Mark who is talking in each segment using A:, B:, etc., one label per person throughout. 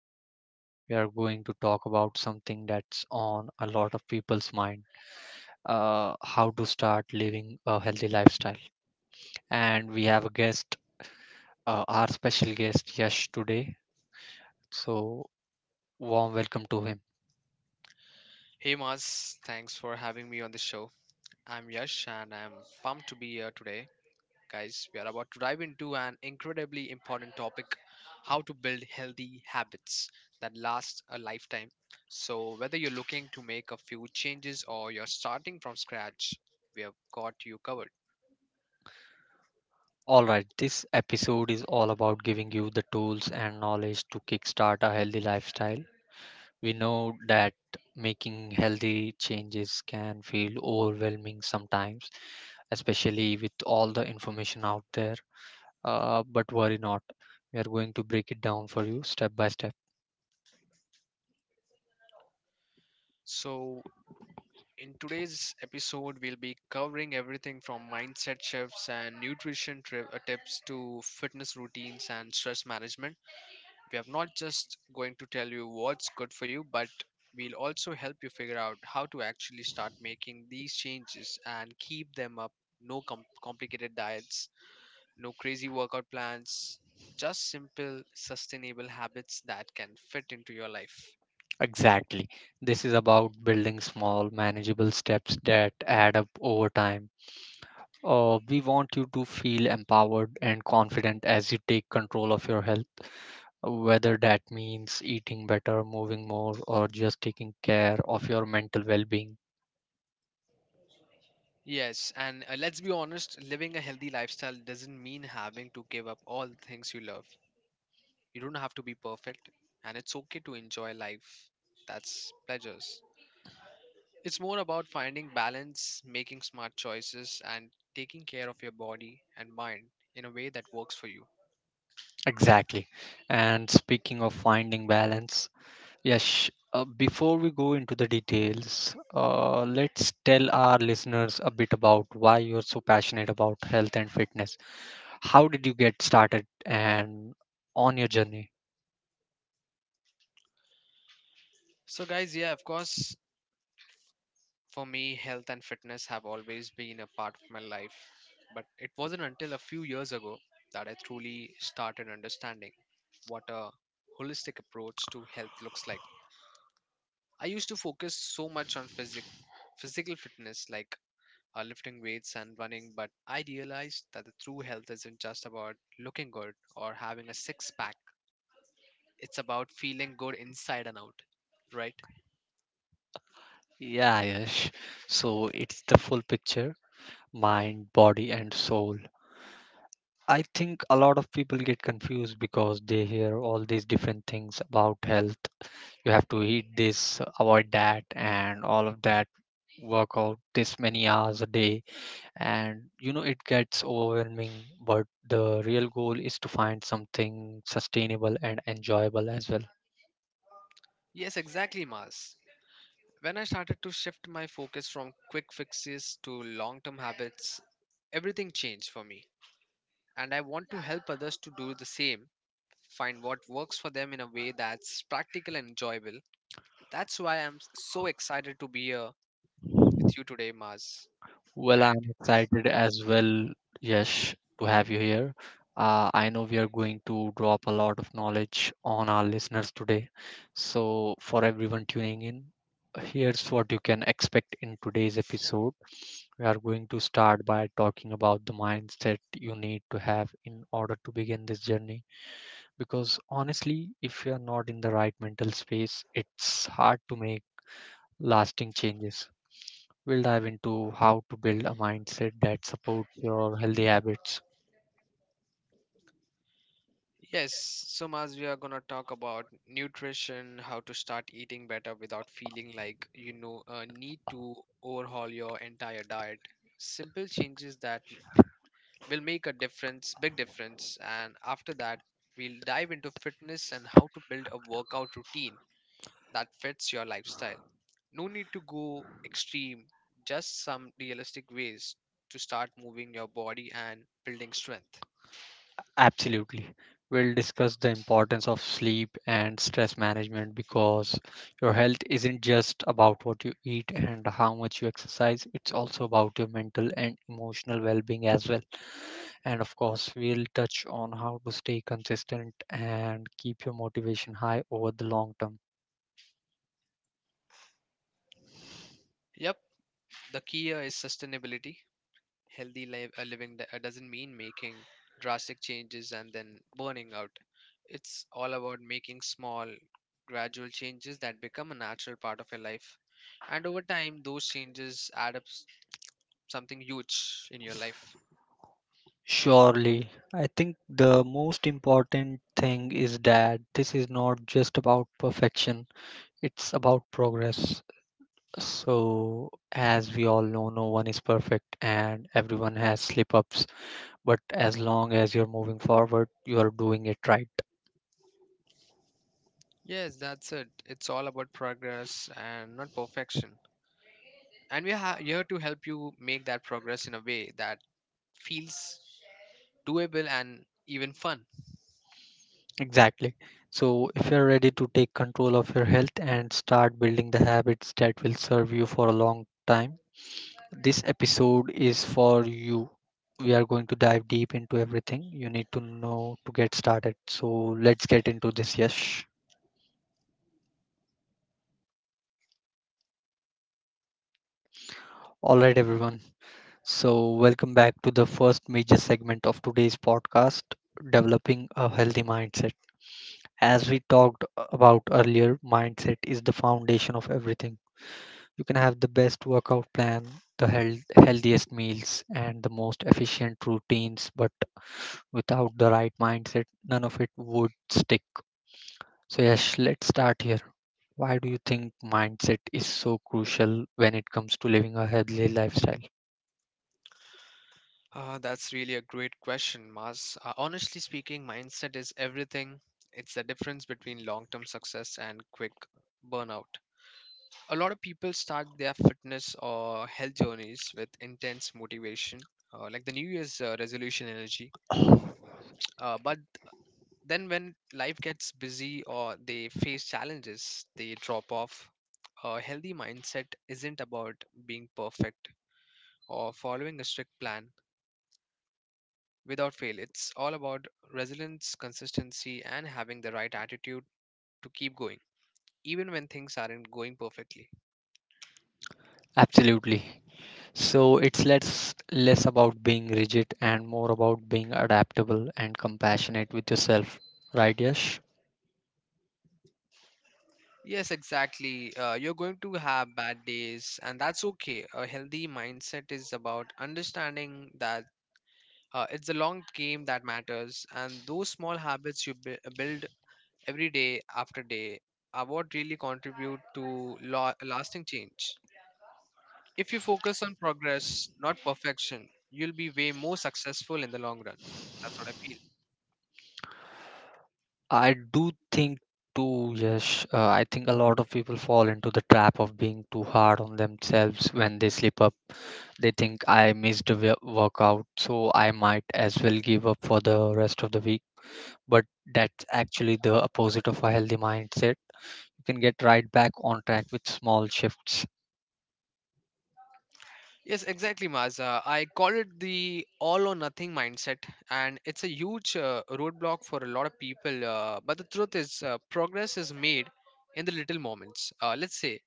A: because we are going to talk about something that's on a lot of people's mind how to start living a healthy lifestyle. And we have a guest, our special guest, Yash, today. So, warm welcome to him.
B: Hey
A: He was
B: Maz,
A: thanks
B: thanks
A: to
B: for having me on the show. I'm
A: Angus
B: Yash
A: and
B: and
A: I
B: I'm
A: was pumped
B: pumped to
A: to be
B: be
A: there.
B: here today. Guys,
A: Guys, we
B: we are
A: are about
B: about
A: to
B: to dive
A: dive into
B: into an
A: an
B: incredibly
A: iconic
B: important
A: topic
B: topic, how
A: how
B: to
A: to
B: build healthy habits
A: business that
B: that last
A: lasts.
B: a lifetime. So, whether
A: Whether
B: you're
A: you're
B: looking
A: looking
B: to
A: to make
B: make
A: a
B: a few
A: change
B: changes or
A: or
B: you're
A: you're starting
B: starting from
A: from
B: scratch,
A: scratch,
B: we have
A: got
B: got
A: you
B: you
A: covered.
B: covered.
A: Alright, this episode is all about giving you the tools and knowledge to kickstart a healthy lifestyle. We know that making healthy changes can feel overwhelming sometimes, especially with all the information out there. But worry not. We are going to break it down for you step by step.
B: So, in today's episode, we'll be covering everything from mindset shifts and tips to fitness routines and stress management. We are not just going to tell you what's good for you, but we'll also help you figure out how to actually start making these changes and keep them up. No complicated diets, no crazy workout plans, just simple, sustainable habits that can fit into your life.
A: Exactly. This is about building small, manageable steps that add up over time. We want you to feel empowered and confident as you take control of your health, whether that means eating better, moving more, or just taking care of your mental well being.
B: Yes, and let's be honest, living a healthy lifestyle doesn't mean having to give up all the things you love. You don't have to be perfect, and it's okay to enjoy life. That's pleasures. It's more about finding balance, making smart choices, and taking care of your body and mind in a way that works for you.
A: Exactly. And speaking of finding balance, Yes, before we go into the details, let's tell our listeners a bit about why you're so passionate about health and fitness. How did you get started and on your journey?
B: So, guys, yeah, of course, for me, health and fitness have always been a part of my life. But it wasn't until a few years ago that I truly started understanding what a holistic approach to health looks like. I used to focus so much on physic- physical fitness, like lifting weights and running, but I realized that the true health isn't just about looking good or having a six pack. It's about feeling good inside and out, right?
A: Yeah, yes. So it's the full picture, mind, body, and soul. I think a lot of people get confused because they hear all these different things about health. You have to eat this, avoid that, and all of that. Work out this many hours a day, and you know it gets overwhelming, but the real goal is to find something sustainable and enjoyable as well.
B: Yes, exactly, Mars. When I started to shift my focus from quick fixes to long term habits, everything changed for me. And I want to help others to do the same, find what works for them in a way that's practical and enjoyable. That's why I'm so excited to be here with you today, Mars.
A: Well, I'm excited as well, Yash, to have you here. I know we are going to drop a lot of knowledge on our listeners today, so for everyone tuning in, here's what you can expect in today's episode. We are going to start by talking about the mindset you need to have in order to begin this journey, because honestly, if you are not in the right mental space, it's hard to make lasting changes. We'll dive into how to build a mindset that supports your healthy habits.
B: Yes, so Maz, we are gonna talk about nutrition, how to start eating better without feeling like need to overhaul your entire diet. Simple changes that will make a difference, big difference. And after that, we'll dive into fitness and how to build a workout routine that fits your lifestyle. No need to go extreme, just some realistic ways to start moving your body and building strength.
A: Absolutely. We'll discuss the importance of sleep and stress management, because your health isn't just about what you eat and how much you exercise, it's also about your mental and emotional well being as well. And of course, we'll touch on how to stay consistent and keep your motivation high over the long term.
B: Yep, the key here is sustainability. Healthy living doesn't mean making drastic changes and then burning out. It's all about making small, gradual changes that become a natural part of your life. And over time, those changes add up s- something huge in your life.
A: Surely, I think the most important thing is that this is not just about perfection, it's about progress. So, as we all know, no one is perfect and everyone has slip ups. But as long as you're moving forward, you are doing it right.
B: Yes, that's it. It's all about progress and not perfection. And we're here to help you make that progress in a way that feels doable and even fun.
A: Exactly. So, if you're ready to take control of your health and start building the habits that will serve you for a long time, this episode is for you. We are going to dive deep into everything you need to know to get started. So, let's get into this, Yes. All right, everyone. So, welcome back to the first major segment of today's podcast, Developing a Healthy Mindset. As we talked about earlier, mindset is the foundation of everything. You can have the best workout plan, healthiest meals, and the most efficient routines, but without the right mindset, none of it would stick. So, Yash, let's start here. Why do you think mindset is so crucial when it comes to living a healthy lifestyle?
B: That's really a great question, Mas. Honestly speaking, mindset is everything. It's the difference between long term success and quick burnout. A lot of people start their fitness or health journeys with intense motivation, like the New Year's resolution energy. But then, when life gets busy or they face challenges, they drop off. A healthy mindset isn't about being perfect or following a strict plan without fail. It's all about resilience, consistency, and having the right attitude to keep going, even when things aren't going perfectly.
A: Absolutely. So it's less about being rigid and more about being adaptable and compassionate with yourself, right, Yash?
B: Yes, exactly. You're going to have bad days, and that's okay. A healthy mindset is about understanding that it's a long game that matters, and those small habits you build every day after day are what really contribute to lasting change. If you focus on progress, not perfection, you'll be way more successful in the long run. That's what I feel.
A: I do think too, Yash. I think a lot of people fall into the trap of being too hard on themselves when they slip up. They think I missed a workout, so I might as well give up for the rest of the week. But that's actually the opposite of a healthy mindset. You can get right back on track with small shifts.
B: Yes, exactly, Maza. I call it the all or nothing mindset, and it's a huge roadblock for a lot of people. But the truth is, progress is made in the little moments. Let's say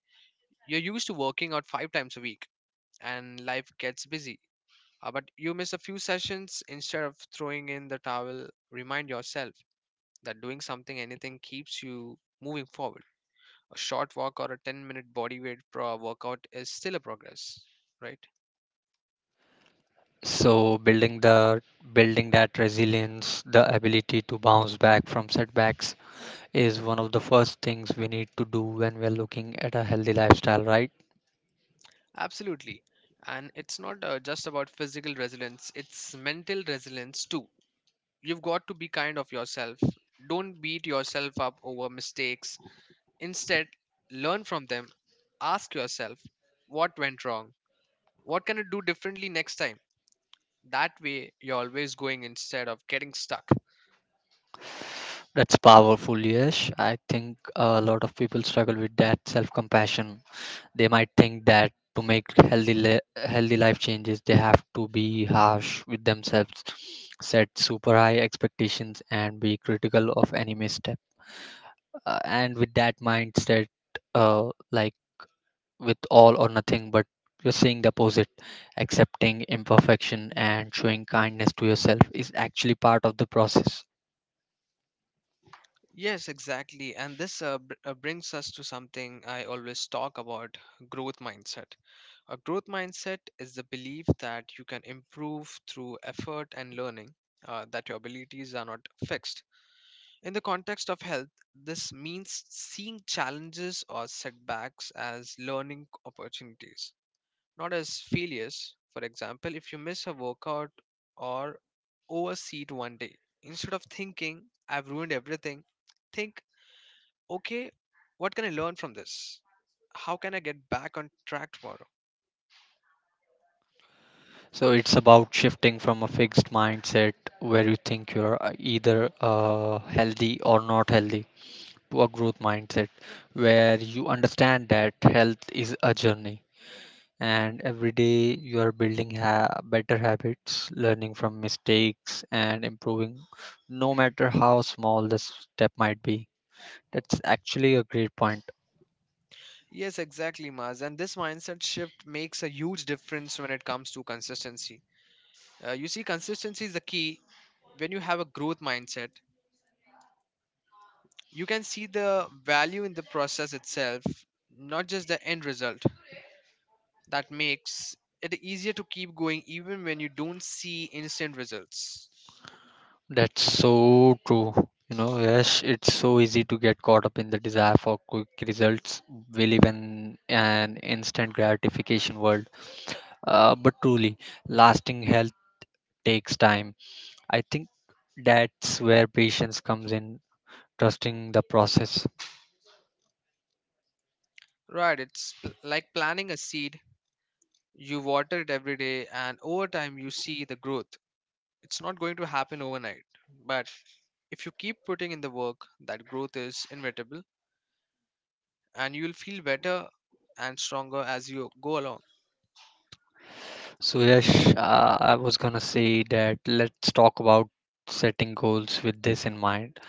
B: you're used to working out 5 times a week, and life gets busy. But you miss a few sessions instead of throwing in the towel. Remind yourself that doing something, anything, keeps you moving forward. A short walk or a 10-minute body weight workout is still a progress, right?
A: So building the building that resilience, the ability to bounce back from setbacks is one of the first things we need to do when we're looking at a healthy lifestyle, right?
B: Absolutely. And it's not just about physical resilience, it's mental resilience too. You've got to be kind of yourself. Don't beat yourself up over mistakes. Instead, learn from them. Ask yourself what went wrong, what can I do differently next time. That way you're always going instead of getting stuck.
A: That's powerful, Yes, I think a lot of people struggle with that self-compassion. They might think that to make healthy life changes, they have to be harsh with themselves, set super high expectations, and be critical of any misstep. And with that mindset, like with all or nothing, but you're seeing the opposite. Accepting imperfection and showing kindness to yourself is actually part of the process.
B: Yes, exactly. And this brings us to something I always talk about, growth mindset. A growth mindset is the belief that you can improve through effort and learning, that your abilities are not fixed. In the context of health, this means seeing challenges or setbacks as learning opportunities, not as failures. For example, if you miss a workout or overseat one day, instead of thinking, I've ruined everything, think okay, what can I learn from this? How can I get back on track tomorrow?
A: So it's about shifting from a fixed mindset where you think you're either healthy or not healthy to a growth mindset where you understand that health is a journey, and every day you are building better habits, learning from mistakes, and improving no matter how small the step might be. That's actually a great point.
B: Yes, exactly, Maz. And this mindset shift makes a huge difference when it comes to consistency. You see, consistency is the key. When you have a growth mindset, you can see the value in the process itself, not just the end result. That makes it easier to keep going even when you don't see instant results.
A: That's so true. You know, yes, it's so easy to get caught up in the desire for quick results. We live in an instant gratification world. But truly, lasting health takes time. I think that's where patience comes in, trusting the process.
B: Right, it's like planting a seed. You water it every day, and over time, you see the growth. It's not going to happen overnight, but if you keep putting in the work, that growth is inevitable and you'll feel better and stronger as you go along.
A: So, yes, I was gonna say that let's talk about setting goals with this in mind.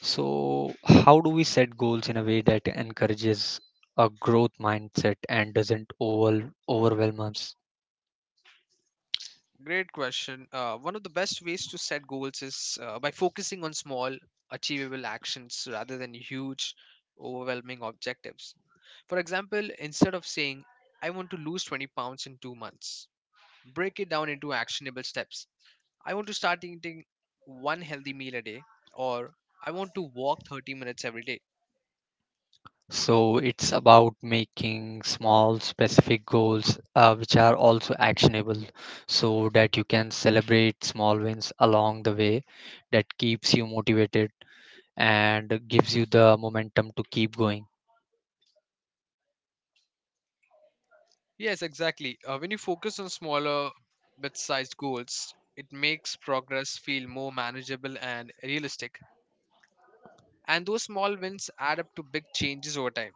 A: So, how do we set goals in a way that encourages a growth mindset and doesn't overwhelm us?
B: Great question. One of the best ways to set goals is by focusing on small, achievable actions rather than huge, overwhelming objectives. For example, instead of saying, I want to lose 20 pounds in 2 months, break it down into actionable steps. I want to start eating one healthy meal a day, or I want to walk 30 minutes every day.
A: So, it's about making small, specific goals which are also actionable, so that you can celebrate small wins along the way, that keeps you motivated and gives you the momentum to keep going.
B: Yes, exactly. When you focus on smaller, bit sized goals, it makes progress feel more manageable and realistic. And those small wins add up to big changes over time.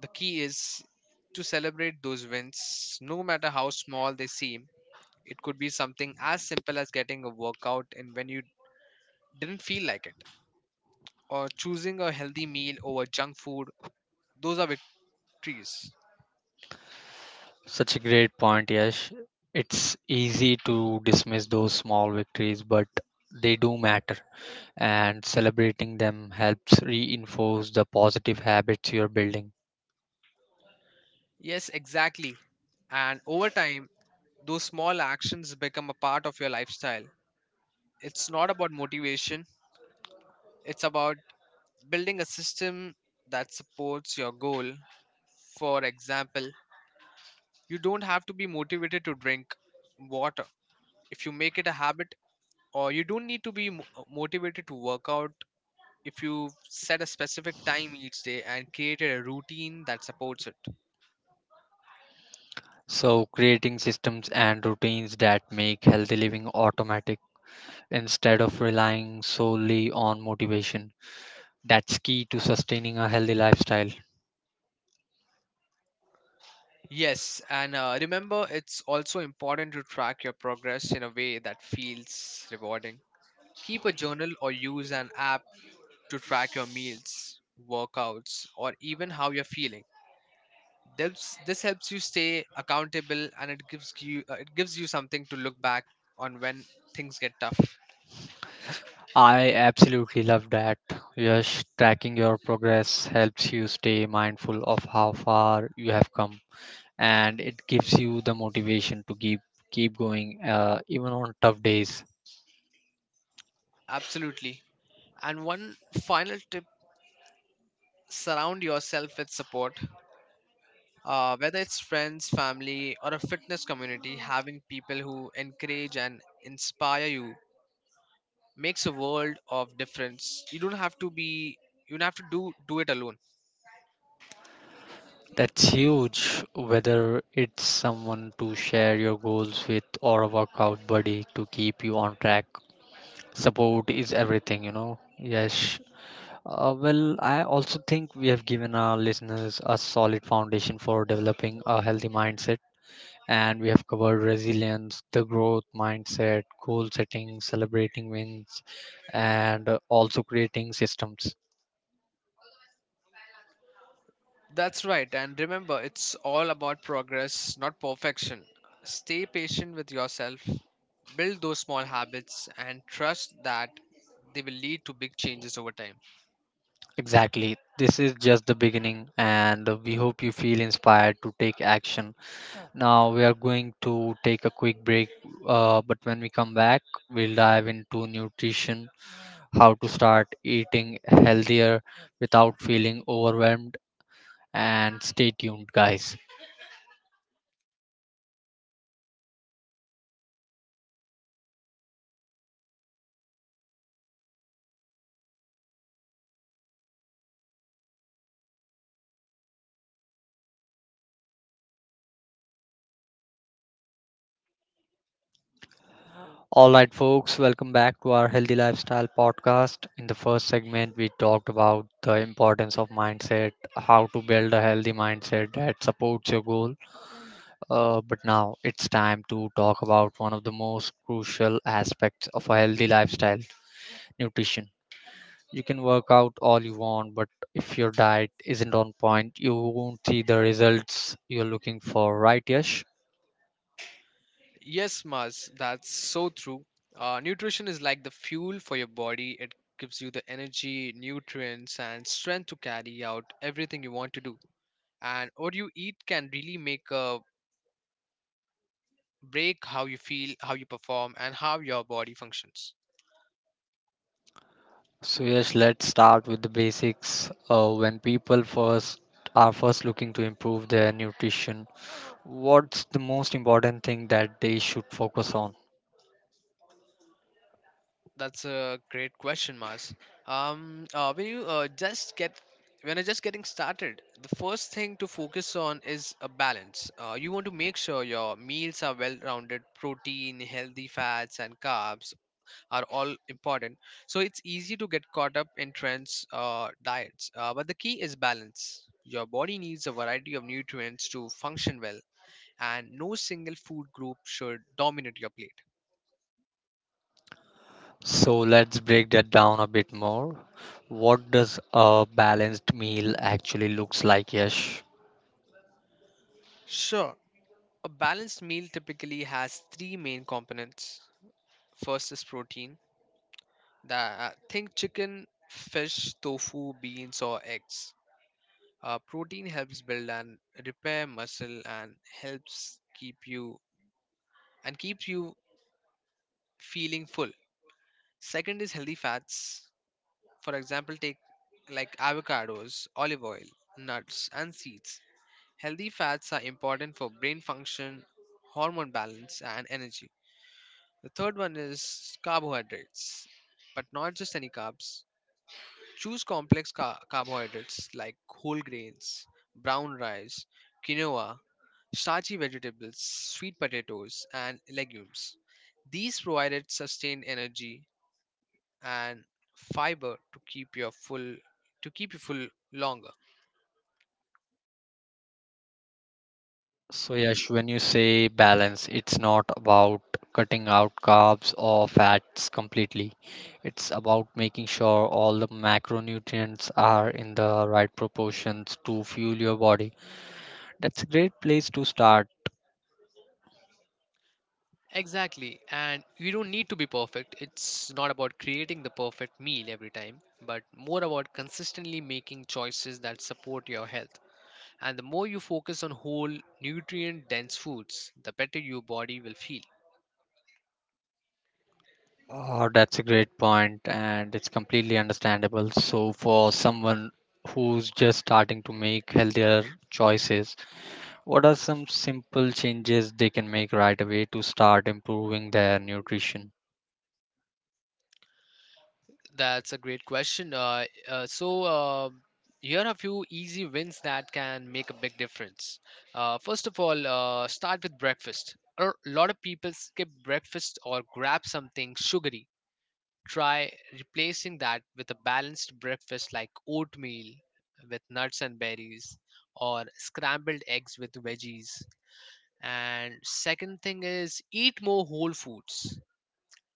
B: The key is to celebrate those wins, no matter how small they seem. It could be something as simple as getting a workout and when you didn't feel like it, or choosing a healthy meal over junk food. Those are victories.
A: Such a great point, Yash. It's easy to dismiss those small victories, but they do matter, and celebrating them helps reinforce the positive habits you're building.
B: Yes, exactly. And over time, those small actions become a part of your lifestyle. It's not about motivation, it's about building a system that supports your goal. For example, you don't have to be motivated to drink water if you make it a habit, or you don't need to be motivated to work out if you set a specific time each day and created a routine that supports it.
A: So, creating systems and routines that make healthy living automatic instead of relying solely on motivation. That's key to sustaining a healthy lifestyle.
B: Yes, and remember, it's also important to track your progress in a way that feels rewarding. Keep a journal or use an app to track your meals, workouts, or even how you're feeling. This helps you stay accountable and it gives you something to look back on when things get tough.
A: I absolutely love that. Yes, tracking your progress helps you stay mindful of how far you have come, and it gives you the motivation to keep going even on tough days.
B: Absolutely. And one final tip, surround yourself with support. Whether it's friends, family, or a fitness community, having people who encourage and inspire you makes a world of difference. You don't have to do it alone.
A: That's huge, whether it's someone to share your goals with or a workout buddy to keep you on track. Support is everything, you know. Yes. Well, I also think we have given our listeners a solid foundation for developing a healthy mindset, and we have covered resilience, the growth mindset, goal setting, celebrating wins, and also creating systems.
B: That's right. And remember, it's all about progress, not perfection. Stay patient with yourself, build those small habits, and trust that they will lead to big changes over time.
A: Exactly. This is just the beginning, and we hope you feel inspired to take action. Now, we are going to take a quick break, but when we come back, we'll dive into nutrition, how to start eating healthier without feeling overwhelmed, and stay tuned, guys. All right, folks, welcome back to our Healthy Lifestyle podcast. In the first segment, we talked about the importance of mindset, how to build a healthy mindset that supports your goals. But now it's time to talk about one of the most crucial aspects of a healthy lifestyle, nutrition. You can work out all you want, but if your diet isn't on point, you won't see the results you're looking for, right, Yash?
B: Yes, Maz, that's so true. Nutrition is like the fuel for your body. It gives you the energy, nutrients, and strength to carry out everything you want to do. And what you eat can really make a break how you feel, how you perform, and how your body functions.
A: So, Yash, let's start with the basics. When people first are first looking to improve their nutrition, what's the most important thing that they should focus on?
B: That's a great question, Mars. Um, uh, when you uh, just get when you're just getting started, the first thing to focus on is a balance. You want to make sure your meals are well-rounded. Protein, healthy fats, and carbs are all important. So it's easy to get caught up in trends, diets. But the key is balance. Your body needs a variety of nutrients to function well, and no single food group should dominate your plate.
A: So let's break that down a bit more. What does a balanced meal actually looks like, Yash?
B: Sure. A balanced meal typically has three main components. First is protein. That, think chicken, fish, tofu, beans, or eggs. Protein helps build and repair muscle and helps keep you and keeps you feeling full. Second is healthy fats. For example, take like avocados, olive oil, nuts, and seeds. Healthy fats are important for brain function, hormone balance, and energy. The third one is carbohydrates, but not just any carbs. Choose complex carbohydrates like whole grains, brown rice, quinoa, starchy vegetables, sweet potatoes, and legumes. These provided sustained energy and fiber to keep you full longer.
A: So Yash, when you say balance, it's not about cutting out carbs or fats completely. It's about making sure all the macronutrients are in the right proportions to fuel your body. That's a great place to start.
B: Exactly. And you don't need to be perfect. It's not about creating the perfect meal every time, but more about consistently making choices that support your health. And the more you focus on whole, nutrient dense foods, the better your body will feel.
A: Oh, that's a great point, and it's completely understandable. So, for someone who's just starting to make healthier choices, what are some simple changes they can make right away to start improving their nutrition?
B: That's a great question. Here are a few easy wins that can make a big difference. First of all, start with breakfast. A lot of people skip breakfast or grab something sugary. Try replacing that with a balanced breakfast like oatmeal with nuts and berries or scrambled eggs with veggies. And second thing is eat more whole foods,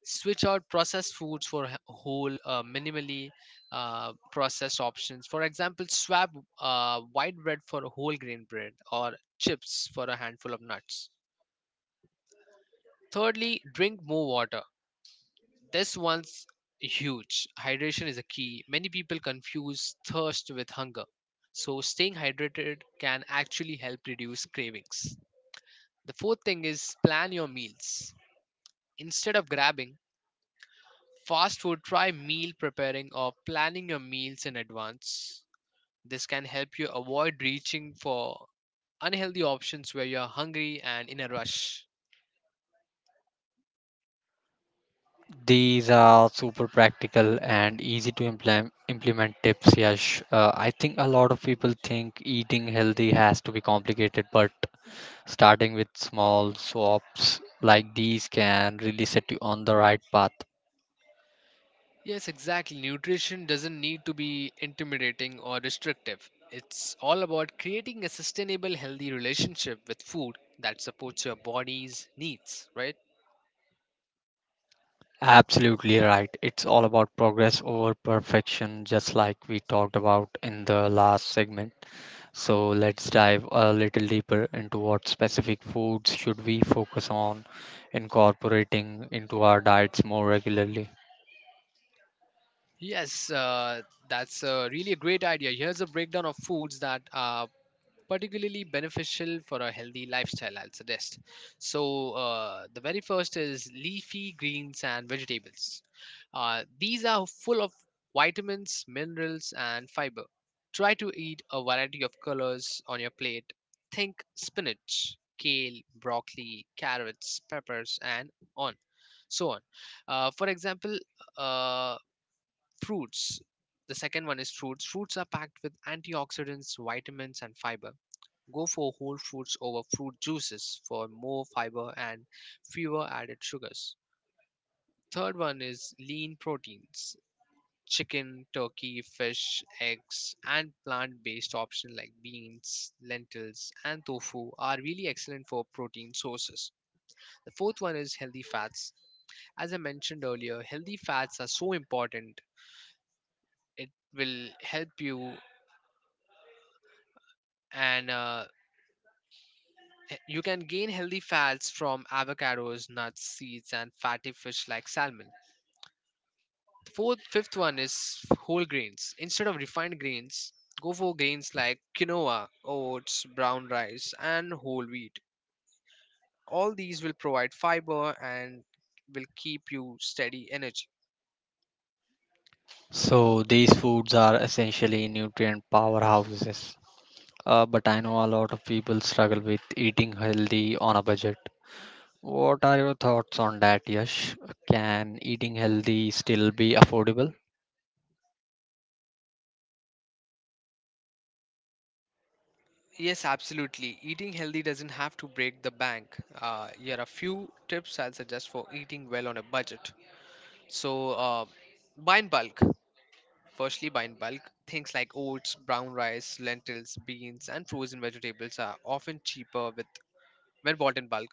B: switch out processed foods for whole, minimally processed options. For example, swap white bread for a whole grain bread, or chips for a handful of nuts. Thirdly, drink more water. This one's huge. Hydration is a key. Many people confuse thirst with hunger, so staying hydrated can actually help reduce cravings. The fourth thing is plan your meals. Instead of grabbing fast food, try meal preparing or planning your meals in advance. This can help you avoid reaching for unhealthy options where you're hungry and in a rush.
A: These are super practical and easy to implement tips, Yash. I think a lot of people think eating healthy has to be complicated, but starting with small swaps like these can really set you on the right path.
B: Yes, exactly. Nutrition doesn't need to be intimidating or restrictive. It's all about creating a sustainable, healthy relationship with food that supports your body's needs, right?
A: Absolutely right. It's all about progress over perfection, just like we talked about in the last segment. So let's dive a little deeper into what specific foods should we focus on incorporating into our diets more regularly.
B: Yes, that's really a great idea. Here's a breakdown of foods that are particularly beneficial for a healthy lifestyle, I'll suggest. So, the very first is leafy greens and vegetables. These are full of vitamins, minerals, and fiber. Try to eat a variety of colors on your plate. Think spinach, kale, broccoli, carrots, peppers, and on so on. For example, uh, fruits. The second one is fruits. Fruits are packed with antioxidants, vitamins, and fiber. Go for whole foods over fruit juices for more fiber and fewer added sugars. Third one is lean proteins. Chicken, turkey, fish, eggs, and plant based options like beans, lentils, and tofu are really excellent for protein sources. The fourth one is healthy fats. As I mentioned earlier, healthy fats are so important. It will help you and uh, you can gain healthy fats from avocados, nuts, seeds, and fatty fish like salmon. The fifth one is whole grains. Instead of refined grains, go for grains like quinoa, oats, brown rice, and whole wheat. All these will provide fiber and will keep you steady energy.
A: So these foods are essentially nutrient powerhouses. But I know a lot of people struggle with eating healthy on a budget. What are your thoughts on that, Yash? Can eating healthy still be affordable?
B: Yes, absolutely. Eating healthy doesn't have to break the bank. Here are a few tips I'll suggest for eating well on a budget. So, buy in bulk. Firstly, by in bulk, things like oats, brown rice, lentils, beans, and frozen vegetables are often cheaper with when bought in bulk.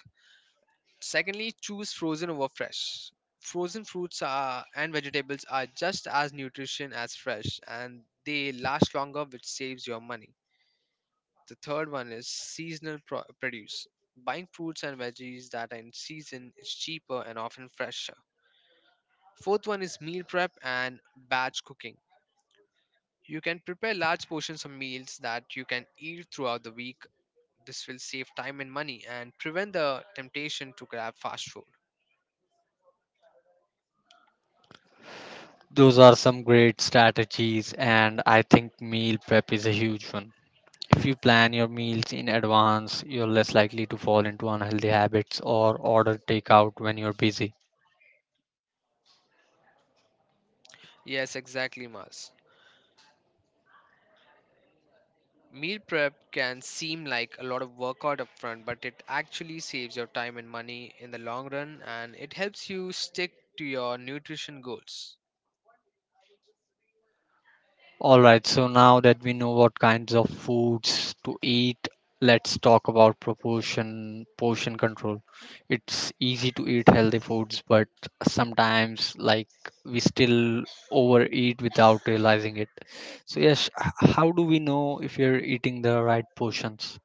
B: Secondly, choose frozen over fresh. Frozen fruits are, and vegetables are just as nutrition as fresh, and they last longer, which saves your money. The third one is seasonal produce. Buying fruits and veggies that are in season is cheaper and often fresher. Fourth one is meal prep and batch cooking. You can prepare large portions of meals that you can eat throughout the week. This will save time and money and prevent the temptation to grab fast food.
A: Those are some great strategies, and I think meal prep is a huge one. If you plan your meals in advance, you're less likely to fall into unhealthy habits or order takeout when you're busy.
B: Yes, exactly, Mars. Meal prep can seem like a lot of workout up front, but it actually saves your time and money in the long run and it helps you stick to your nutrition goals.
A: All right, so now that we know what kinds of foods to eat, let's talk about proportion portion control. It's easy to eat healthy foods, but sometimes like we still overeat without realizing it. So, yes, how do we know if you're eating the right portions?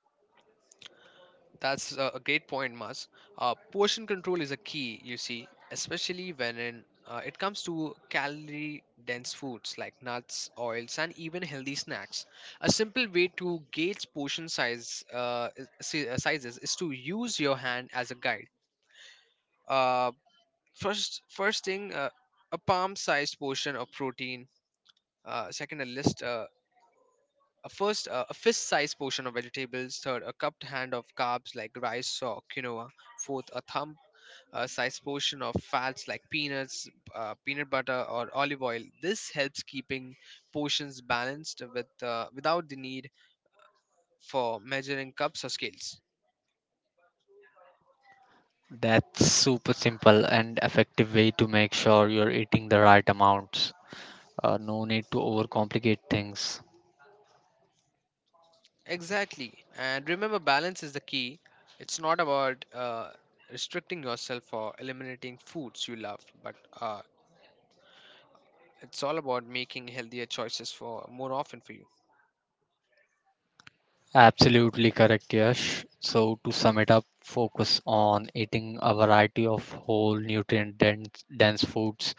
B: That's a great point, Mas. Portion control is a key, you see, especially when in, it comes to calorie dense foods like nuts, oils, and even healthy snacks. A simple way to gauge portion size sizes is to use your hand as a guide. Uh, first, a palm-sized portion of protein. Second, a list. A first, a fist-sized portion of vegetables. Third, a cupped hand of carbs like rice or quinoa. Fourth, a thumb a size portion of fats like peanuts, peanut butter, or olive oil. This helps keeping portions balanced without the need for measuring cups or scales.
A: That's super simple and effective way to make sure you're eating the right amounts. No need to overcomplicate things.
B: Exactly, and remember, balance is the key. It's not about restricting yourself or eliminating foods you love, but uh, it's all about making healthier choices for more often for you.
A: Absolutely correct, Yash. So, to sum it up, focus on eating a variety of whole nutrient dense foods,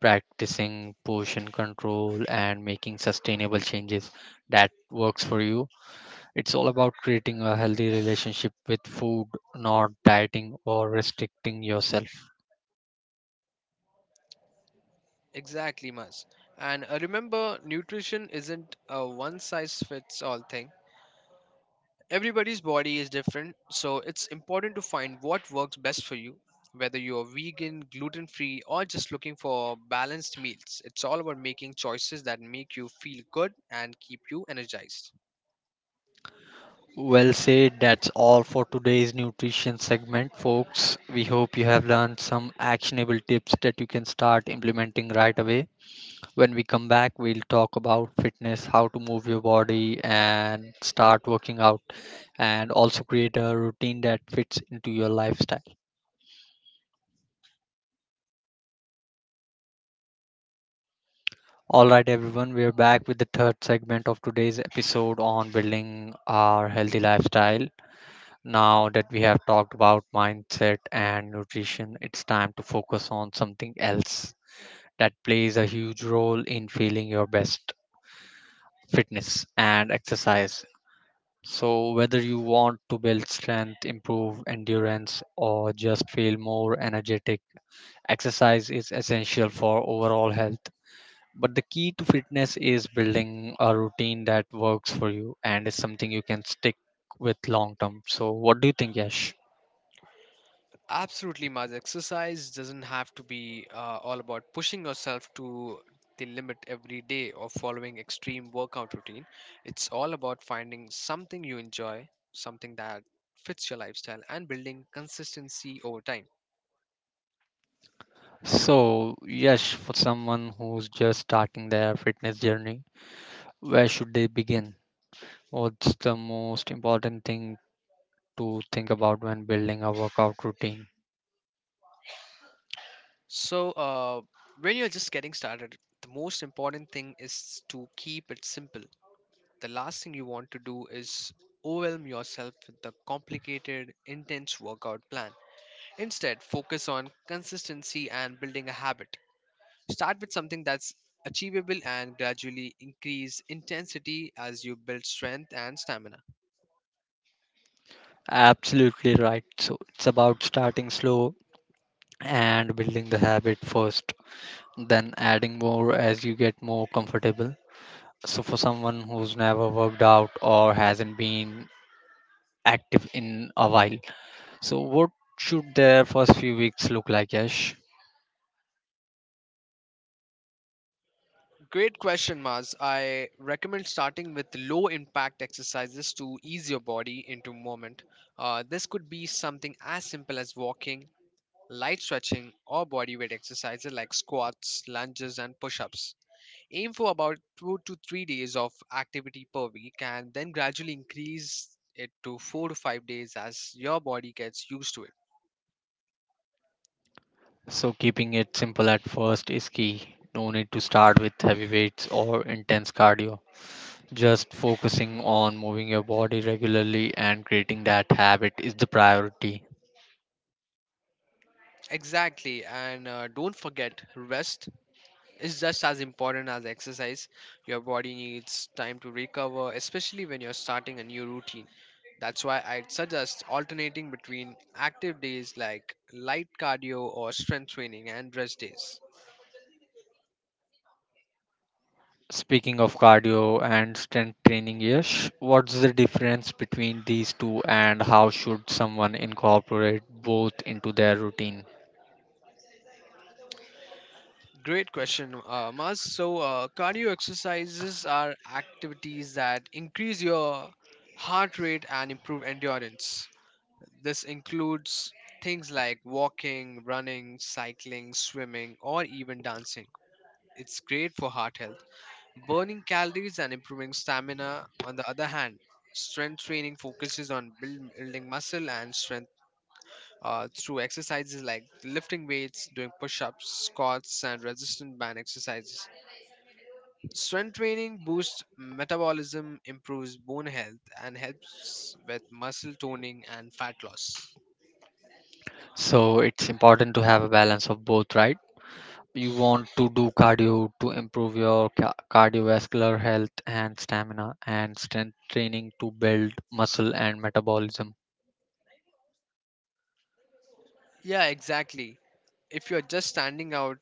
A: practicing portion control, and making sustainable changes that works for you. It's all about creating a healthy relationship with food, not dieting or restricting yourself.
B: Exactly, Mas. And remember, nutrition isn't a one size fits all thing. Everybody's body is different, so it's important to find what works best for you. Whether you're vegan, gluten free, or just looking for balanced meals, it's all about making choices that make you feel good and keep you energized.
A: Well said. That's all for today's nutrition segment, folks. We hope you have learned some actionable tips that you can start implementing right away. When we come back, we'll talk about fitness, how to move your body and start working out, and also create a routine that fits into your lifestyle. All right, everyone, we're back with the third segment of today's episode on building our healthy lifestyle. Now that we have talked about mindset and nutrition, it's time to focus on something else that plays a huge role in feeling your best: fitness and exercise. So, whether you want to build strength, improve endurance, or just feel more energetic, exercise is essential for overall health. But the key to fitness is building a routine that works for you and is something you can stick with long term. So, what do you think, Yash?
B: Absolutely, Maz. Exercise doesn't have to be all about pushing yourself to the limit every day or following extreme workout routine. It's all about finding something you enjoy, something that fits your lifestyle, and building consistency over time.
A: So, Yash, for someone who's just starting their fitness journey, where should they begin? What's the most important thing to think about when building a workout routine?
B: So, when you're just getting started, the most important thing is to keep it simple. The last thing you want to do is overwhelm yourself with the complicated, intense workout plan. Instead, focus on consistency and building a habit. Start with something that's achievable and gradually increase intensity as you build strength and stamina.
A: Absolutely right. So it's about starting slow and building the habit first, then adding more as you get more comfortable. So for someone who's never worked out or hasn't been active in a while, so what should their first few weeks look like, Yash?
B: Great question, Maz. I recommend starting with low impact exercises to ease your body into movement. This could be something as simple as walking, light stretching, or bodyweight exercises like squats, lunges, and push ups. Aim for about 2 to 3 days of activity per week and then gradually increase it to 4 to 5 days as your body gets used to it.
A: So, keeping it simple at first is key. No need to start with heavy weights or intense cardio. Just focusing on moving your body regularly and creating that habit is the priority.
B: Exactly, and don't forget, rest is just as important as exercise. Your body needs time to recover, especially when you're starting a new routine. That's why I'd suggest alternating between active days like light cardio or strength training and rest days.
A: Speaking of cardio and strength training, Yash, what's the difference between these two and how should someone incorporate both into their routine?
B: Great question, Mas. So, cardio exercises are activities that increase your heart rate and improve endurance. This includes things like walking, running, cycling, swimming, or even dancing. It's great for heart health, burning calories and improving stamina. On the other hand, strength training focuses on building muscle and strength through exercises like lifting weights, doing push ups, squats, and resistance band exercises. Strength training boosts metabolism, improves bone health, and helps with muscle toning and fat loss.
A: So, it's important to have a balance of both, right? You want to do cardio to improve your cardiovascular health and stamina, and strength training to build muscle and metabolism.
B: Yeah, exactly. If you're just standing out,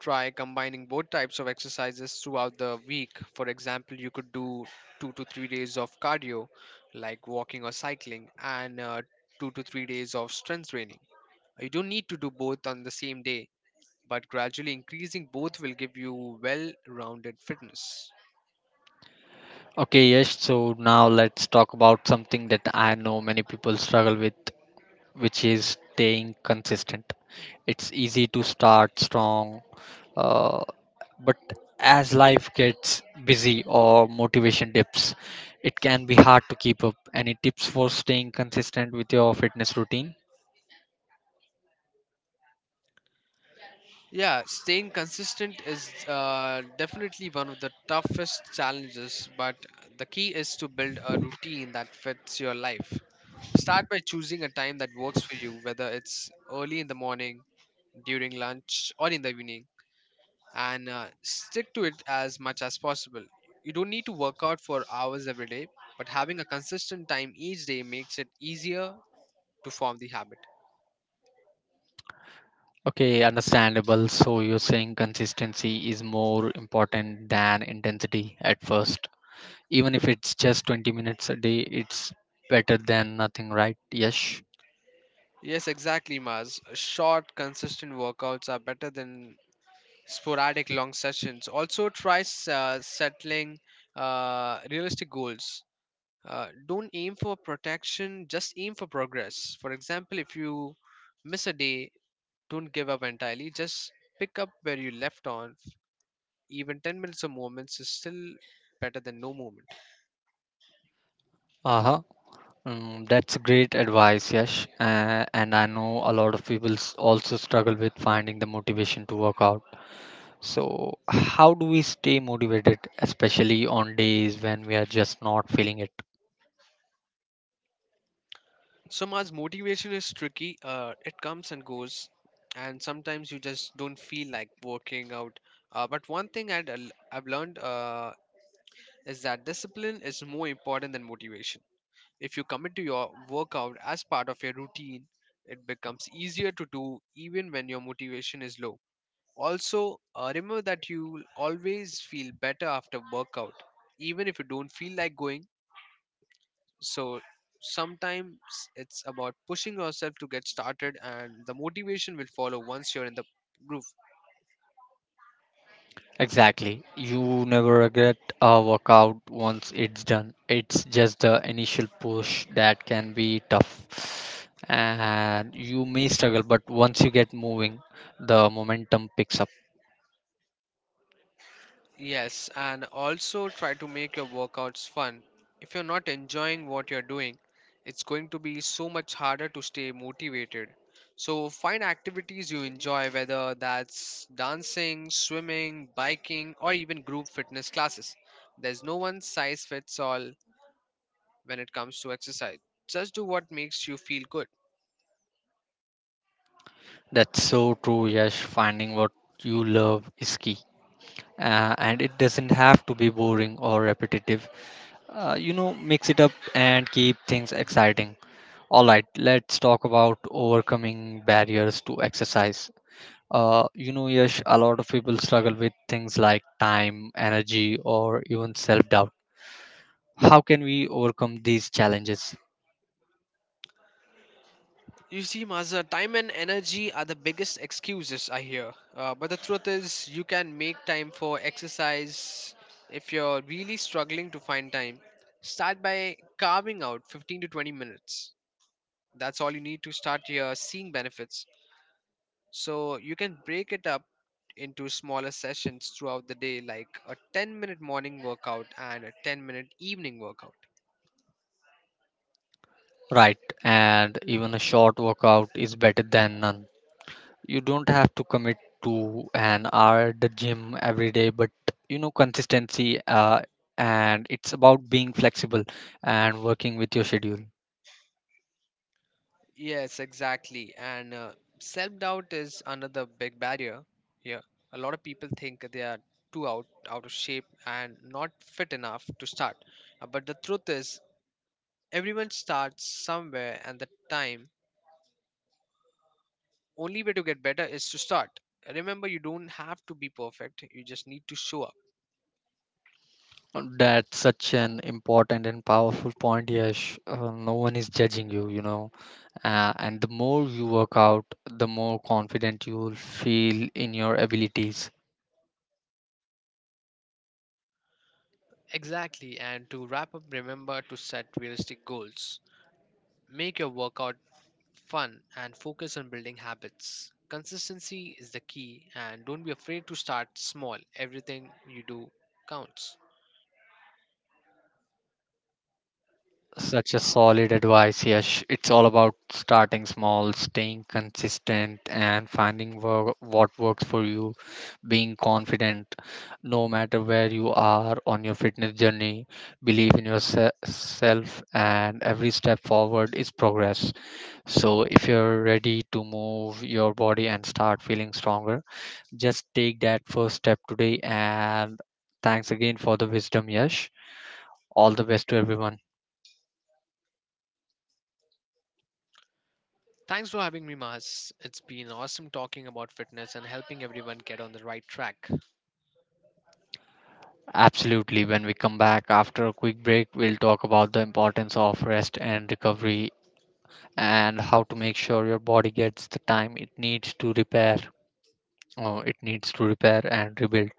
B: try combining both types of exercises throughout the week. For example, you could do 2 to 3 days of cardio, like walking or cycling, and 2 to 3 days of strength training. You don't need to do both on the same day, but gradually increasing both will give you well rounded fitness.
A: Okay, yes, so now let's talk about something that I know many people struggle with, which is staying consistent. It's easy to start strong, uh, but as life gets busy or motivation dips, it can be hard to keep up. Any tips for staying consistent with your fitness routine?
B: Yeah, staying consistent is definitely one of the toughest challenges, but the key is to build a routine that fits your life. Start by choosing a time that works for you, whether it's early in the morning, during lunch, or in the evening, and stick to it as much as possible. You don't need to work out for hours every day, but having a consistent time each day makes it easier to form the habit.
A: Okay, understandable. So you're saying consistency is more important than intensity at first. Even if it's just 20 minutes a day, it's better than nothing, right? Yes.
B: Yes, exactly, Maz. Short, consistent workouts are better than sporadic long sessions. Also, try settling realistic goals. Don't aim for protection, just aim for progress. For example, if you miss a day, don't give up entirely. Just pick up where you left off. Even 10 minutes of movements is still better than no movement.
A: Uh-huh. That's great advice, Yash. And I know a lot of people also struggle with finding the motivation to work out. So, how do we stay motivated, especially on days when we are just not feeling it?
B: Samaj, motivation is tricky. It comes and goes, and sometimes you just don't feel like working out. But one thing I've learned is that discipline is more important than motivation. If you commit to your workout as part of your routine, it becomes easier to do even when your motivation is low. Also, remember that you will always feel better after workout, even if you don't feel like going, so sometimes it's about pushing yourself to get started and the motivation will follow once you're in the groove.
A: Exactly. You never regret a workout once it's done. It's just the initial push that can be tough. And you may struggle, but once you get moving, the momentum picks up.
B: Yes, and also try to make your workouts fun. If you're not enjoying what you're doing, it's going to be so much harder to stay motivated. So find activities you enjoy, whether that's dancing, swimming, biking, or even group fitness classes. There's no one size fits all when it comes to exercise. Just do what makes you feel good.
A: That's so true, Yash. Finding what you love is key. And it doesn't have to be boring or repetitive. Mix it up and keep things exciting. All right, let's talk about overcoming barriers to exercise. Yash, a lot of people struggle with things like time, energy, or even self doubt. How can we overcome these challenges?
B: You see, Mazda, time and energy are the biggest excuses I hear. But the truth is, you can make time for exercise if you're really struggling to find time. Start by carving out 15 to 20 minutes. That's all you need to start your seeing benefits. So you can break it up into smaller sessions throughout the day, like a 10-minute morning workout and a 10-minute evening workout.
A: Right, and even a short workout is better than none. You don't have to commit to an hour at the gym every day, but consistency, and it's about being flexible and working with your schedule.
B: Yes, exactly. And Self doubt is another big barrier here. A lot of people think they are too out of shape and not fit enough to start. But the truth is, everyone starts somewhere, and the time only way to get better is to start. Remember, you don't have to be perfect, you just need to show up.
A: That's such an important and powerful point, yes. No one is judging you, you know and the more you work out, the more confident you will feel in your abilities.
B: Exactly. And to wrap up, remember to set realistic goals. Make your workout fun and focus on building habits. Consistency is the key, and don't be afraid to start small. Everything you do counts.
A: Such a solid advice, Yash. It's all about starting small, staying consistent, and finding what works for you. Being confident, no matter where you are on your fitness journey, believe in yourself, and every step forward is progress. So, if you're ready to move your body and start feeling stronger, just take that first step today. And thanks again for the wisdom, Yash. All the best to everyone.
B: Thanks for having me, Mahas. It's been awesome talking about fitness and helping everyone get on the right track.
A: Absolutely. When we come back after a quick break, we'll talk about the importance of rest and recovery and how to make sure your body gets the time it needs to repair. It needs to repair and rebuild.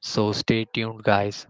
A: So stay tuned, guys.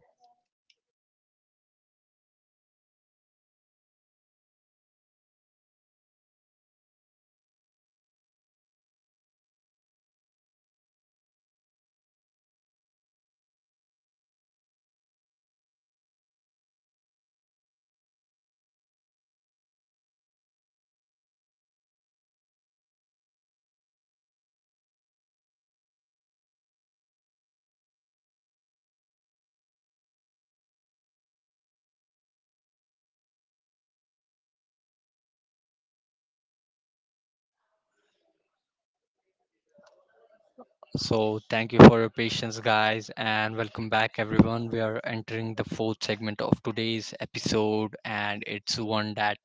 A: So thank you for your patience, guys, and welcome back, everyone. We are entering the fourth segment of today's episode, and it's one that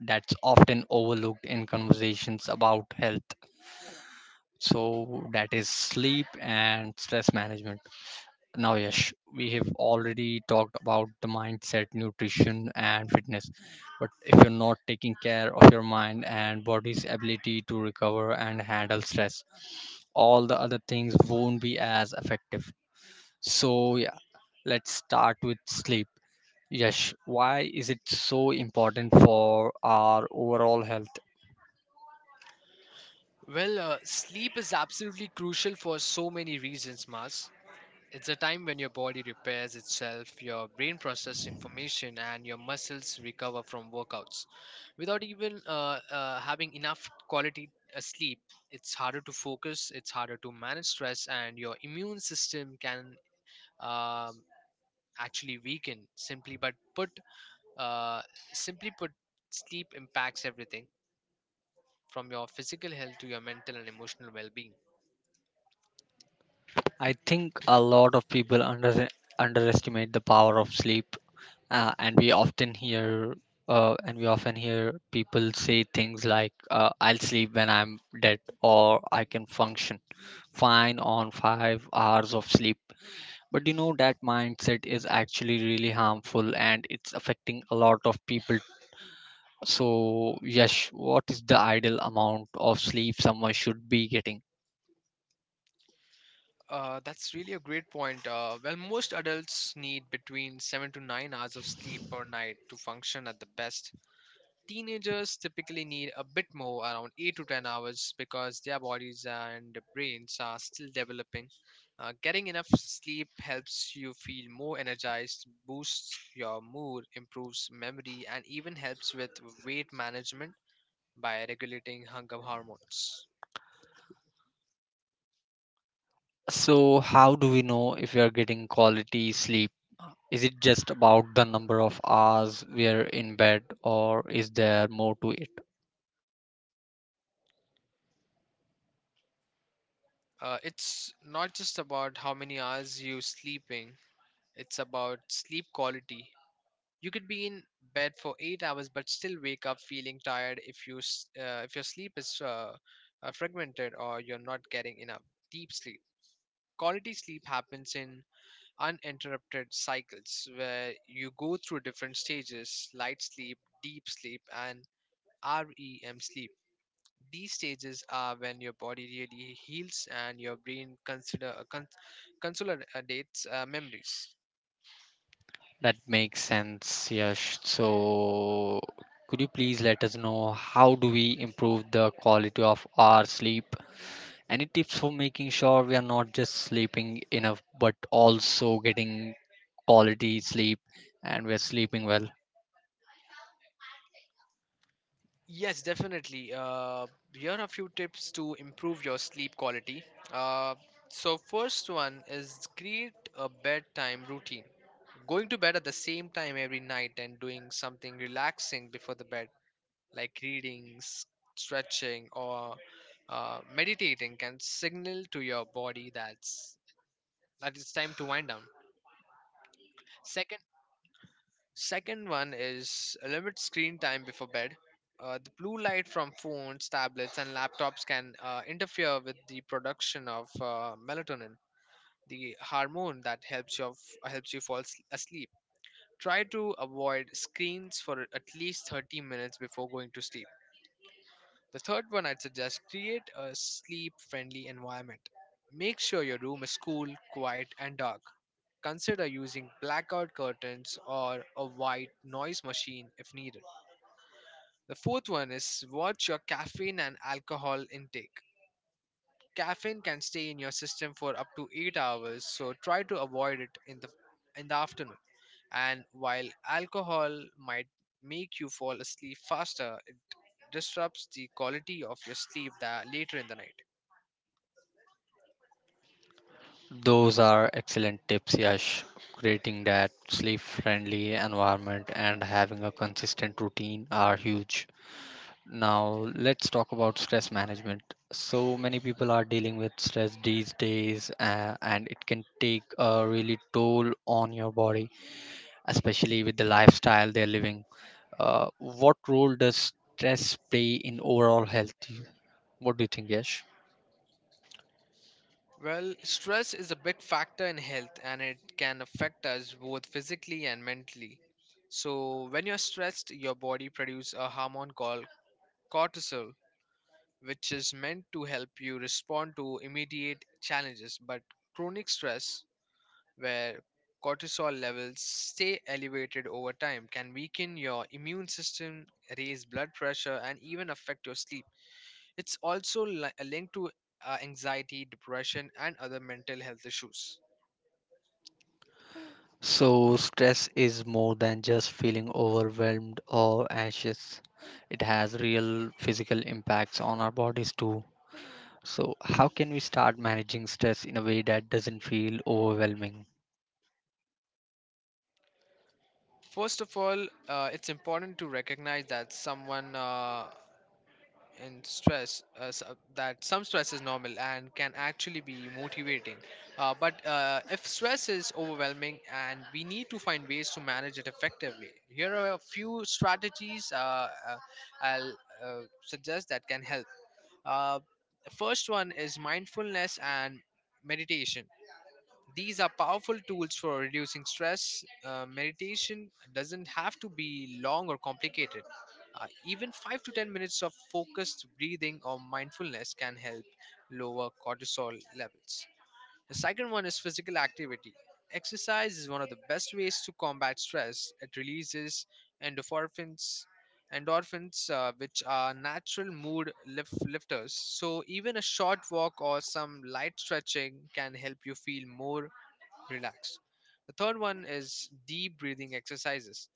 A: that's often overlooked in conversations about health. So that is sleep and stress management. Now, Yash, we have already talked about the mindset, nutrition, and fitness. But if you're not taking care of your mind and body's ability to recover and handle stress, all the other things won't be as effective. So, yeah, let's start with sleep. Yash, why is it so important for our overall health?
B: Sleep is absolutely crucial for so many reasons, Mahas. It's a time when your body repairs itself, your brain processes information, and your muscles recover from workouts. Without even having enough quality sleep, it's harder to focus, it's harder to manage stress, and your immune system can um, actually weaken. Uh, simply put, sleep impacts everything from your physical health to your mental and emotional well-being.
A: I think a lot of people underestimate the power of sleep, uh, and we often hear and we often hear people say things like, "I'll sleep when I'm dead," or "I can function fine on 5 hours of sleep." But you know that mindset is actually really harmful, and it's affecting a lot of people. So, yes, what is the ideal amount of sleep someone should be getting?
B: That's really a great point. Well, most adults need between 7 to 9 hours of sleep per night to function at the best. Teenagers typically need a bit more, around 8 to 10 hours, because their bodies and brains are still developing. Getting enough sleep helps you feel more energized, boosts your mood, improves memory, and even helps with weight management by regulating hunger hormones.
A: So, how do we know if we are getting quality sleep? Is it just about the number of hours we are in bed, or is there more to it?
B: It's not just about how many hours you sleeping. It's about sleep quality. You could be in bed for 8 hours but still wake up feeling tired if if your sleep is fragmented or you're not getting enough deep sleep. Quality sleep happens in uninterrupted cycles where you go through different stages: light sleep, deep sleep, and REM sleep. These stages are when your body really heals and your brain consolidates memories.
A: That makes sense, Yash. So, could you please let us know how do we improve the quality of our sleep? Any tips for making sure we are not just sleeping enough, but also getting quality sleep and we are sleeping well?
B: Yes, definitely. Here are a few tips to improve your sleep quality. Uh, so, first one is create a bedtime routine. Going to bed at the same time every night and doing something relaxing before the bed, like reading, stretching, or meditating, can signal to your body that it's time to wind down. Second Second one is limit screen time before bed. The blue light from phones, tablets, and laptops can interfere with the production of melatonin, the hormone that helps you fall asleep. Try to avoid screens for at least 30 minutes before going to sleep. The third one I'd suggest create a sleep-friendly environment. Make sure your room is cool, quiet, and dark. Consider using blackout curtains or a white noise machine if needed. The fourth one is watch your caffeine and alcohol intake. Caffeine can stay in your system for up to 8 hours, so try to avoid it in the afternoon. And while alcohol might make you fall asleep faster, it disrupts the quality of your sleep that later in the night.
A: Those are excellent tips, Yash. Creating that sleep friendly environment and having a consistent routine are huge. Now, let's talk about stress management. So many people are dealing with stress these days, and it can take a really toll on your body, especially with the lifestyle they're living. What role does stress play in overall health? What do you think, Yash?
B: Well, stress is a big factor in health and it can affect us both physically and mentally. So, when you're stressed, your body produces a hormone called cortisol, which is meant to help you respond to immediate challenges. But chronic stress, where cortisol levels stay elevated over time, can weaken your immune system, raise blood pressure, and even affect your sleep. It's also linked to anxiety, depression, and other mental health issues.
A: So, stress is more than just feeling overwhelmed or anxious. It has real physical impacts on our bodies too. So, how can we start managing stress in a way that doesn't feel overwhelming?
B: First of all, it's important to recognize that some stress is normal and can actually be motivating, but if stress is overwhelming and we need to find ways to manage it effectively, here are a few strategies I'll suggest that can help. uh, the first one is mindfulness and meditation. These are powerful tools for reducing stress. Meditation doesn't have to be long or complicated. Even 5 to 10 minutes of focused breathing or mindfulness can help lower cortisol levels. The second one is physical activity. Exercise is one of the best ways to combat stress. It releases endorphins, which are natural mood lifters. So, even a short walk or some light stretching can help you feel more relax. The third one is deep breathing exercises.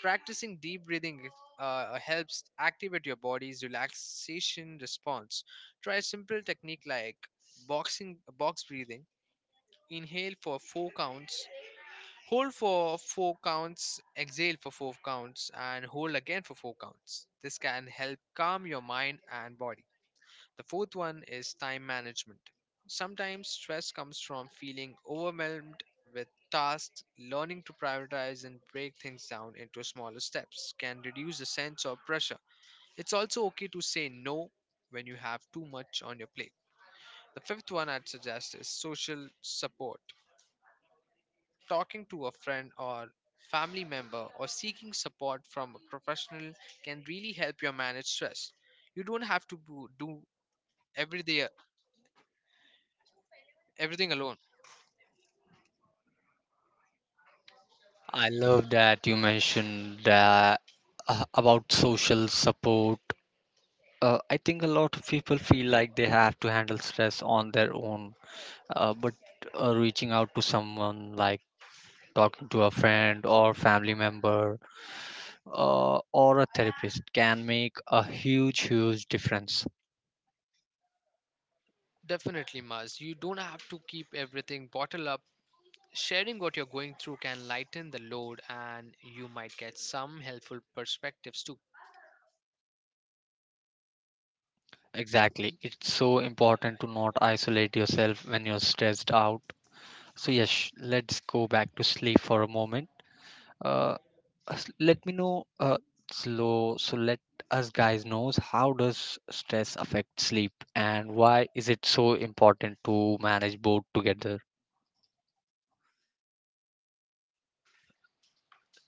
B: Practicing deep breathing helps activate your body's relaxation response. Try a simple technique like box breathing. Inhale for four counts, hold for four counts, exhale for four counts, and hold again for four counts. This can help calm your mind and body. The fourth one is time management. Sometimes stress comes from feeling overwhelmed with tasks. Learning to prioritize and break things down into smaller steps can reduce the sense of pressure. It's also okay to say no when you have too much on your plate. The fifth one I'd suggest is social support. Talking to a friend or family member or seeking support from a professional can really help you manage stress. You don't have to do everyday, everything alone.
A: I love that you mentioned that about social support. I think a lot of people feel like they have to handle stress on their own, but reaching out to someone like talking to a friend or family member or a therapist can make a huge huge difference.
B: Definitely, Maz. You don't have to keep everything bottled up. Sharing what you're going through can lighten the load, and you might get some helpful perspectives too.
A: Exactly. It's so important to not isolate yourself when you're stressed out. So, yes, let's go back to sleep for a moment. uh, Let me know, slow so let us guys knows how does stress affect sleep, and why is it so important to manage both together?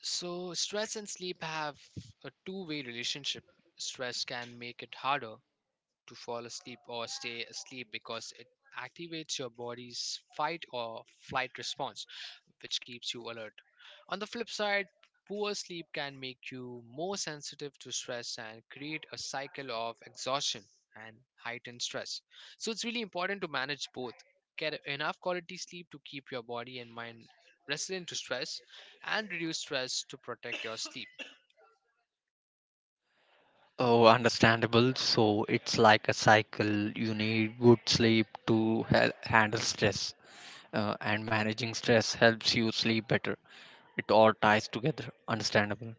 B: So, stress and sleep have a two-way relationship. Stress can make it harder to fall asleep or stay asleep because it activates your body's fight or flight response which keeps you alert. On the flip side, poor sleep can make you more sensitive to stress and create a cycle of exhaustion and heightened stress. So it's really important to manage both. Get enough quality sleep to keep your body and mind resilient to stress, and reduce stress to protect your sleep.
A: Oh, understandable. So it's like a cycle. You need good sleep to handle stress. And managing stress helps you sleep better. It all ties together. Understandable.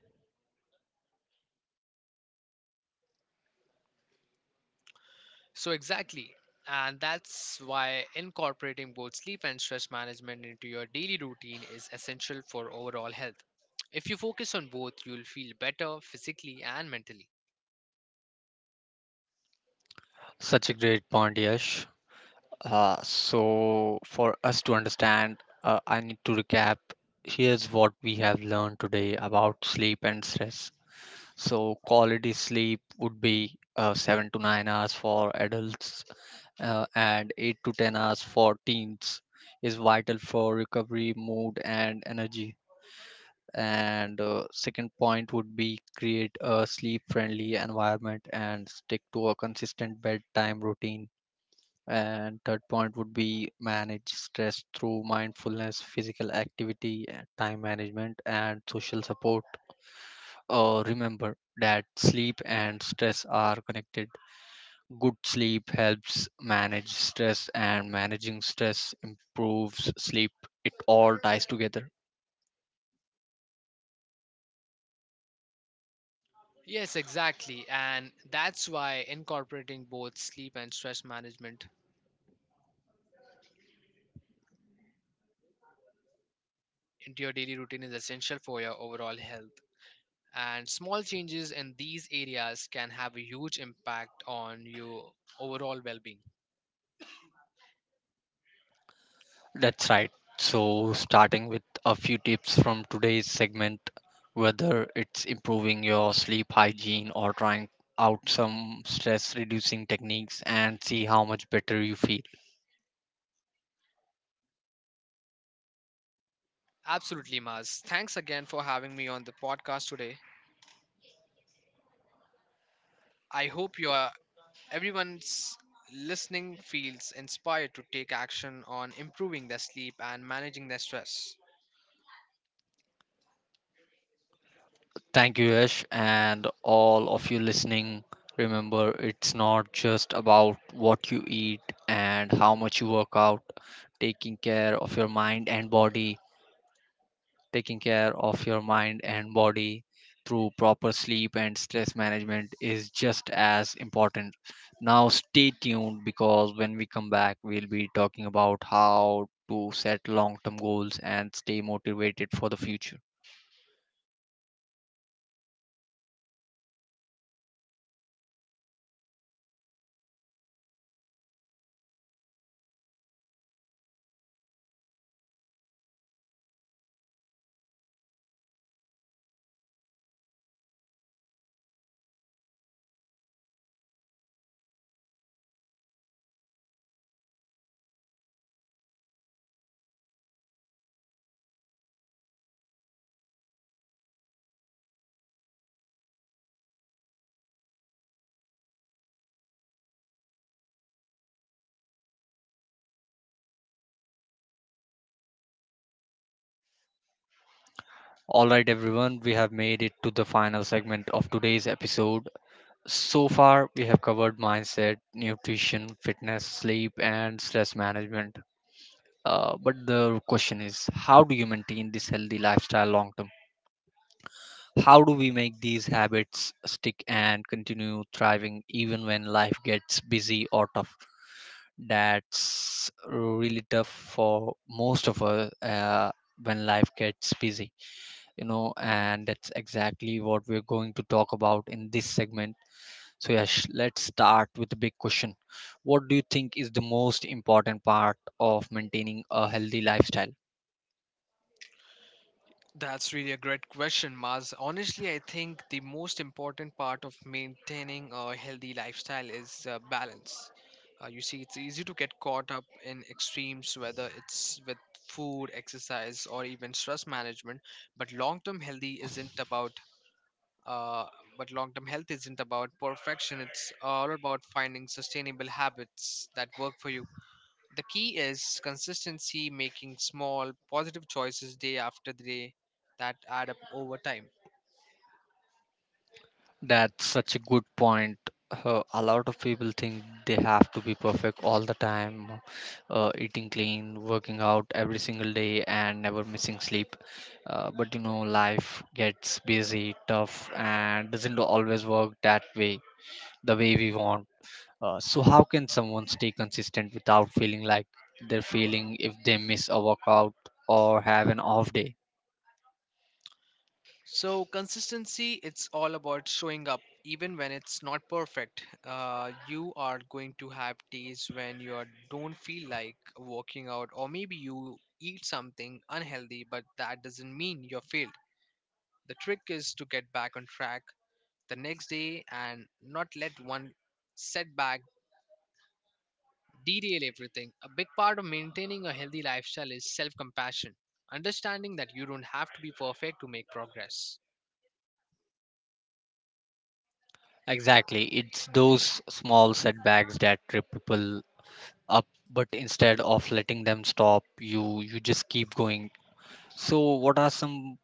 B: So, exactly. And that's why incorporating both sleep and stress management into your daily routine is essential for overall health. If you focus on both, you'll feel better physically and mentally.
A: Such a great point, Yash. So, for us to understand, I need to recap. Here's what we have learned today about sleep and stress. So, quality sleep would be 7 to 9 hours for adults and 8 to 10 hours for teens is vital for recovery, mood, and energy. And second point would be create a sleep friendly environment and stick to a consistent bedtime routine. And third point would be manage stress through mindfulness, physical activity, time management, and social support. Remember that sleep and stress are connected. Good sleep helps manage stress, and managing stress improves sleep. It all ties together.
B: Yes, exactly. And that's why incorporating both sleep and stress management into your daily routine is essential for your overall health. And small changes in these areas can have a huge impact on your overall well being.
A: That's right. So, starting with a few tips from today's segment, whether it's improving your sleep hygiene or trying out some stress reducing techniques, and see how much better you feel.
B: Absolutely, Maz. Thanks again for having me on the podcast today. I hope you are everyone's listening feels inspired to take action on improving their sleep and managing their stress.
A: Thank you, Yash, and all of you listening. Remember, it's not just about what you eat and how much you work out. taking care of your mind and body Taking care of your mind and body through proper sleep and stress management is just as important. Now, stay tuned because when we come back, we'll be talking about how to set long term goals and stay motivated for the future. All right, everyone, we have made it to the final segment of today's episode. So far, we have covered mindset, nutrition, fitness, sleep, and stress management. But the question is, how do you maintain this healthy lifestyle long term? How do we make these habits stick and continue thriving even when life gets busy or tough? That's really tough for most of us, when life gets busy, and that's exactly what we're going to talk about in this segment. So, yes, let's start with the big question. What do you think is the most important part of maintaining a healthy lifestyle?
B: That's really a great question, Maz. Honestly, I think the most important part of maintaining a healthy lifestyle is balance. You see, it's easy to get caught up in extremes, whether it's with food, exercise, or even stress management. But long term healthy isn't about Uh, but long term health isn't about perfection, it's all about finding sustainable habits that work for you. The key is consistency, making small positive choices day after day that add up over time.
A: That's such a good point. A lot of people think they have to be perfect all the time, eating clean, working out every single day, and never missing sleep. But life gets busy, tough, and doesn't always work that way, the way we want. So how can someone stay consistent without feeling like they're failing if they miss a workout or have an off day?
B: So, consistency, it's all about showing up even when it's not perfect. You are going to have days when you don't feel like working out, or maybe you eat something unhealthy, but that doesn't mean you're failed. The trick is to get back on track the next day and not let one setback derail everything. A big part of maintaining a healthy lifestyle is self compassion, understanding that you don't have to be perfect to make progress.
A: Exactly, it's those small setbacks that trip people up, but instead of letting them stop, you just keep going. So what are some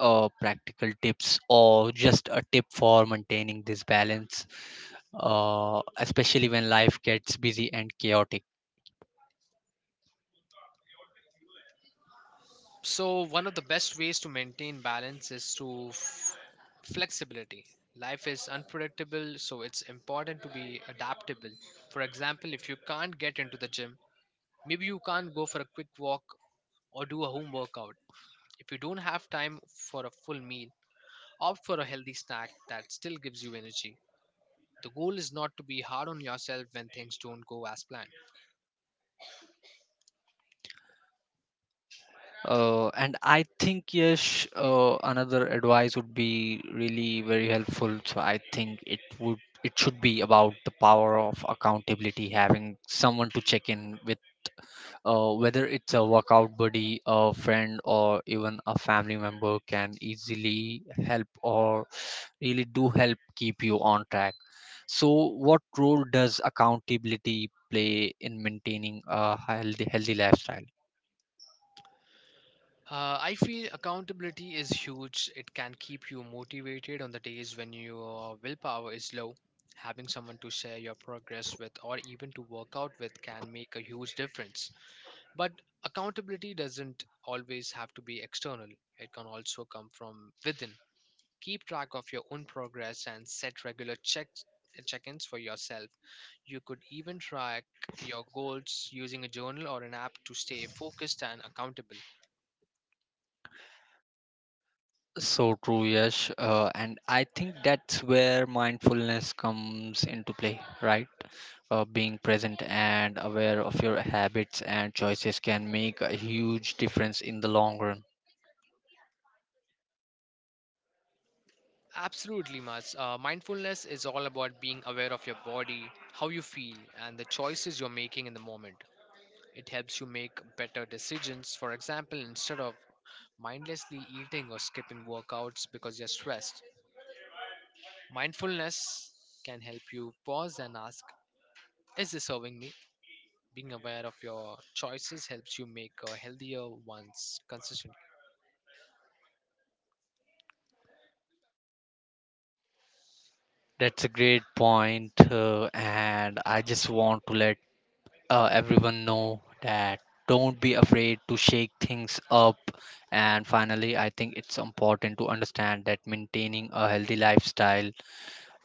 A: practical tips or just a tip for maintaining this balance, especially when life gets busy and chaotic?
B: So, one of the best ways to maintain balance is through flexibility. Life is unpredictable, so it's important to be adaptable. For example, if you can't get into the gym, maybe you can't go for a quick walk or do a home workout. If you don't have time for a full meal, opt for a healthy snack that still gives you energy. The goal is not to be hard on yourself when things don't go as planned.
A: And I think yes, another advice would be really very helpful. So I think it should be about the power of accountability, having someone to check in with, whether it's a workout buddy, a friend, or even a family member can easily help or really do help keep you on track. So, what role does accountability play in maintaining a healthy lifestyle?
B: I feel accountability is huge. It can keep you motivated on the days when your willpower is low. Having someone to share your progress with or even to work out with can make a huge difference. But accountability doesn't always have to be external, it can also come from within. Keep track of your own progress and set regular check-ins for yourself. You could even track your goals using a journal or an app to stay focused and accountable.
A: So true, Yash. And I think that's where mindfulness comes into play, right? Being present and aware of your habits and choices can make a huge difference in the long run.
B: Absolutely, Mats. Mindfulness is all about being aware of your body, how you feel, and the choices you're making in the moment. It helps you make better decisions. For example, instead of mindlessly eating or skipping workouts because you're stressed, mindfulness can help you pause and ask, is this serving me? Being aware of your choices helps you make a healthier ones consistently.
A: That's a great point, and I just want to let everyone know that don't be afraid to shake things up. And finally, I think it's important to understand that maintaining a healthy lifestyle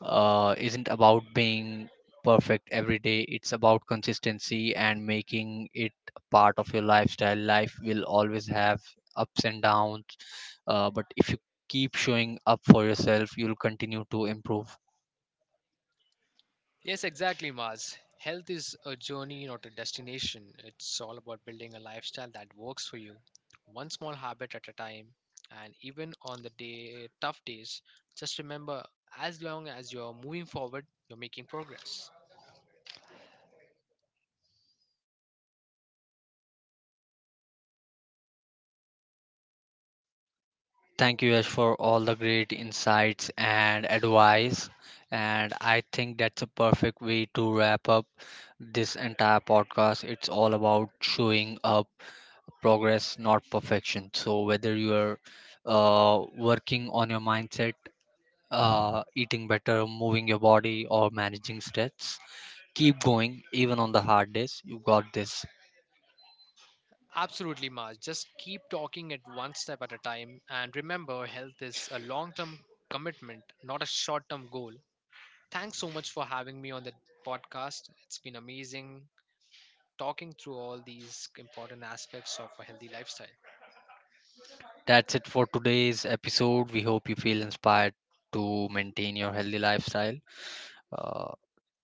A: isn't about being perfect every day. It's about consistency and making it a part of your lifestyle. Life will always have ups and downs, but if you keep showing up for yourself, you'll continue to improve.
B: Yes, exactly, Mars. Health is a journey, not a destination. It's all about building a lifestyle that works for you, one small habit at a time. And even on the day tough days, just remember as long as you're moving forward, you're making progress.
A: Thank you, Ash, for all the great insights and advice. And I think that's a perfect way to wrap up this entire podcast. It's all about showing up, progress not perfection. So whether you are working on your mindset, eating better, moving your body, or managing stress, keep going. Even on the hard days, you got this.
B: Absolutely, Mars. Just keep talking it one step at a time. And remember, health is a long term commitment, not a short term goal. Thanks so much for having me on the podcast. It's been amazing talking through all these important aspects of a healthy lifestyle.
A: That's it for today's episode. We hope you feel inspired to maintain your healthy lifestyle. uh,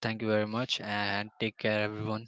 A: Thank you very much, and take care, everyone.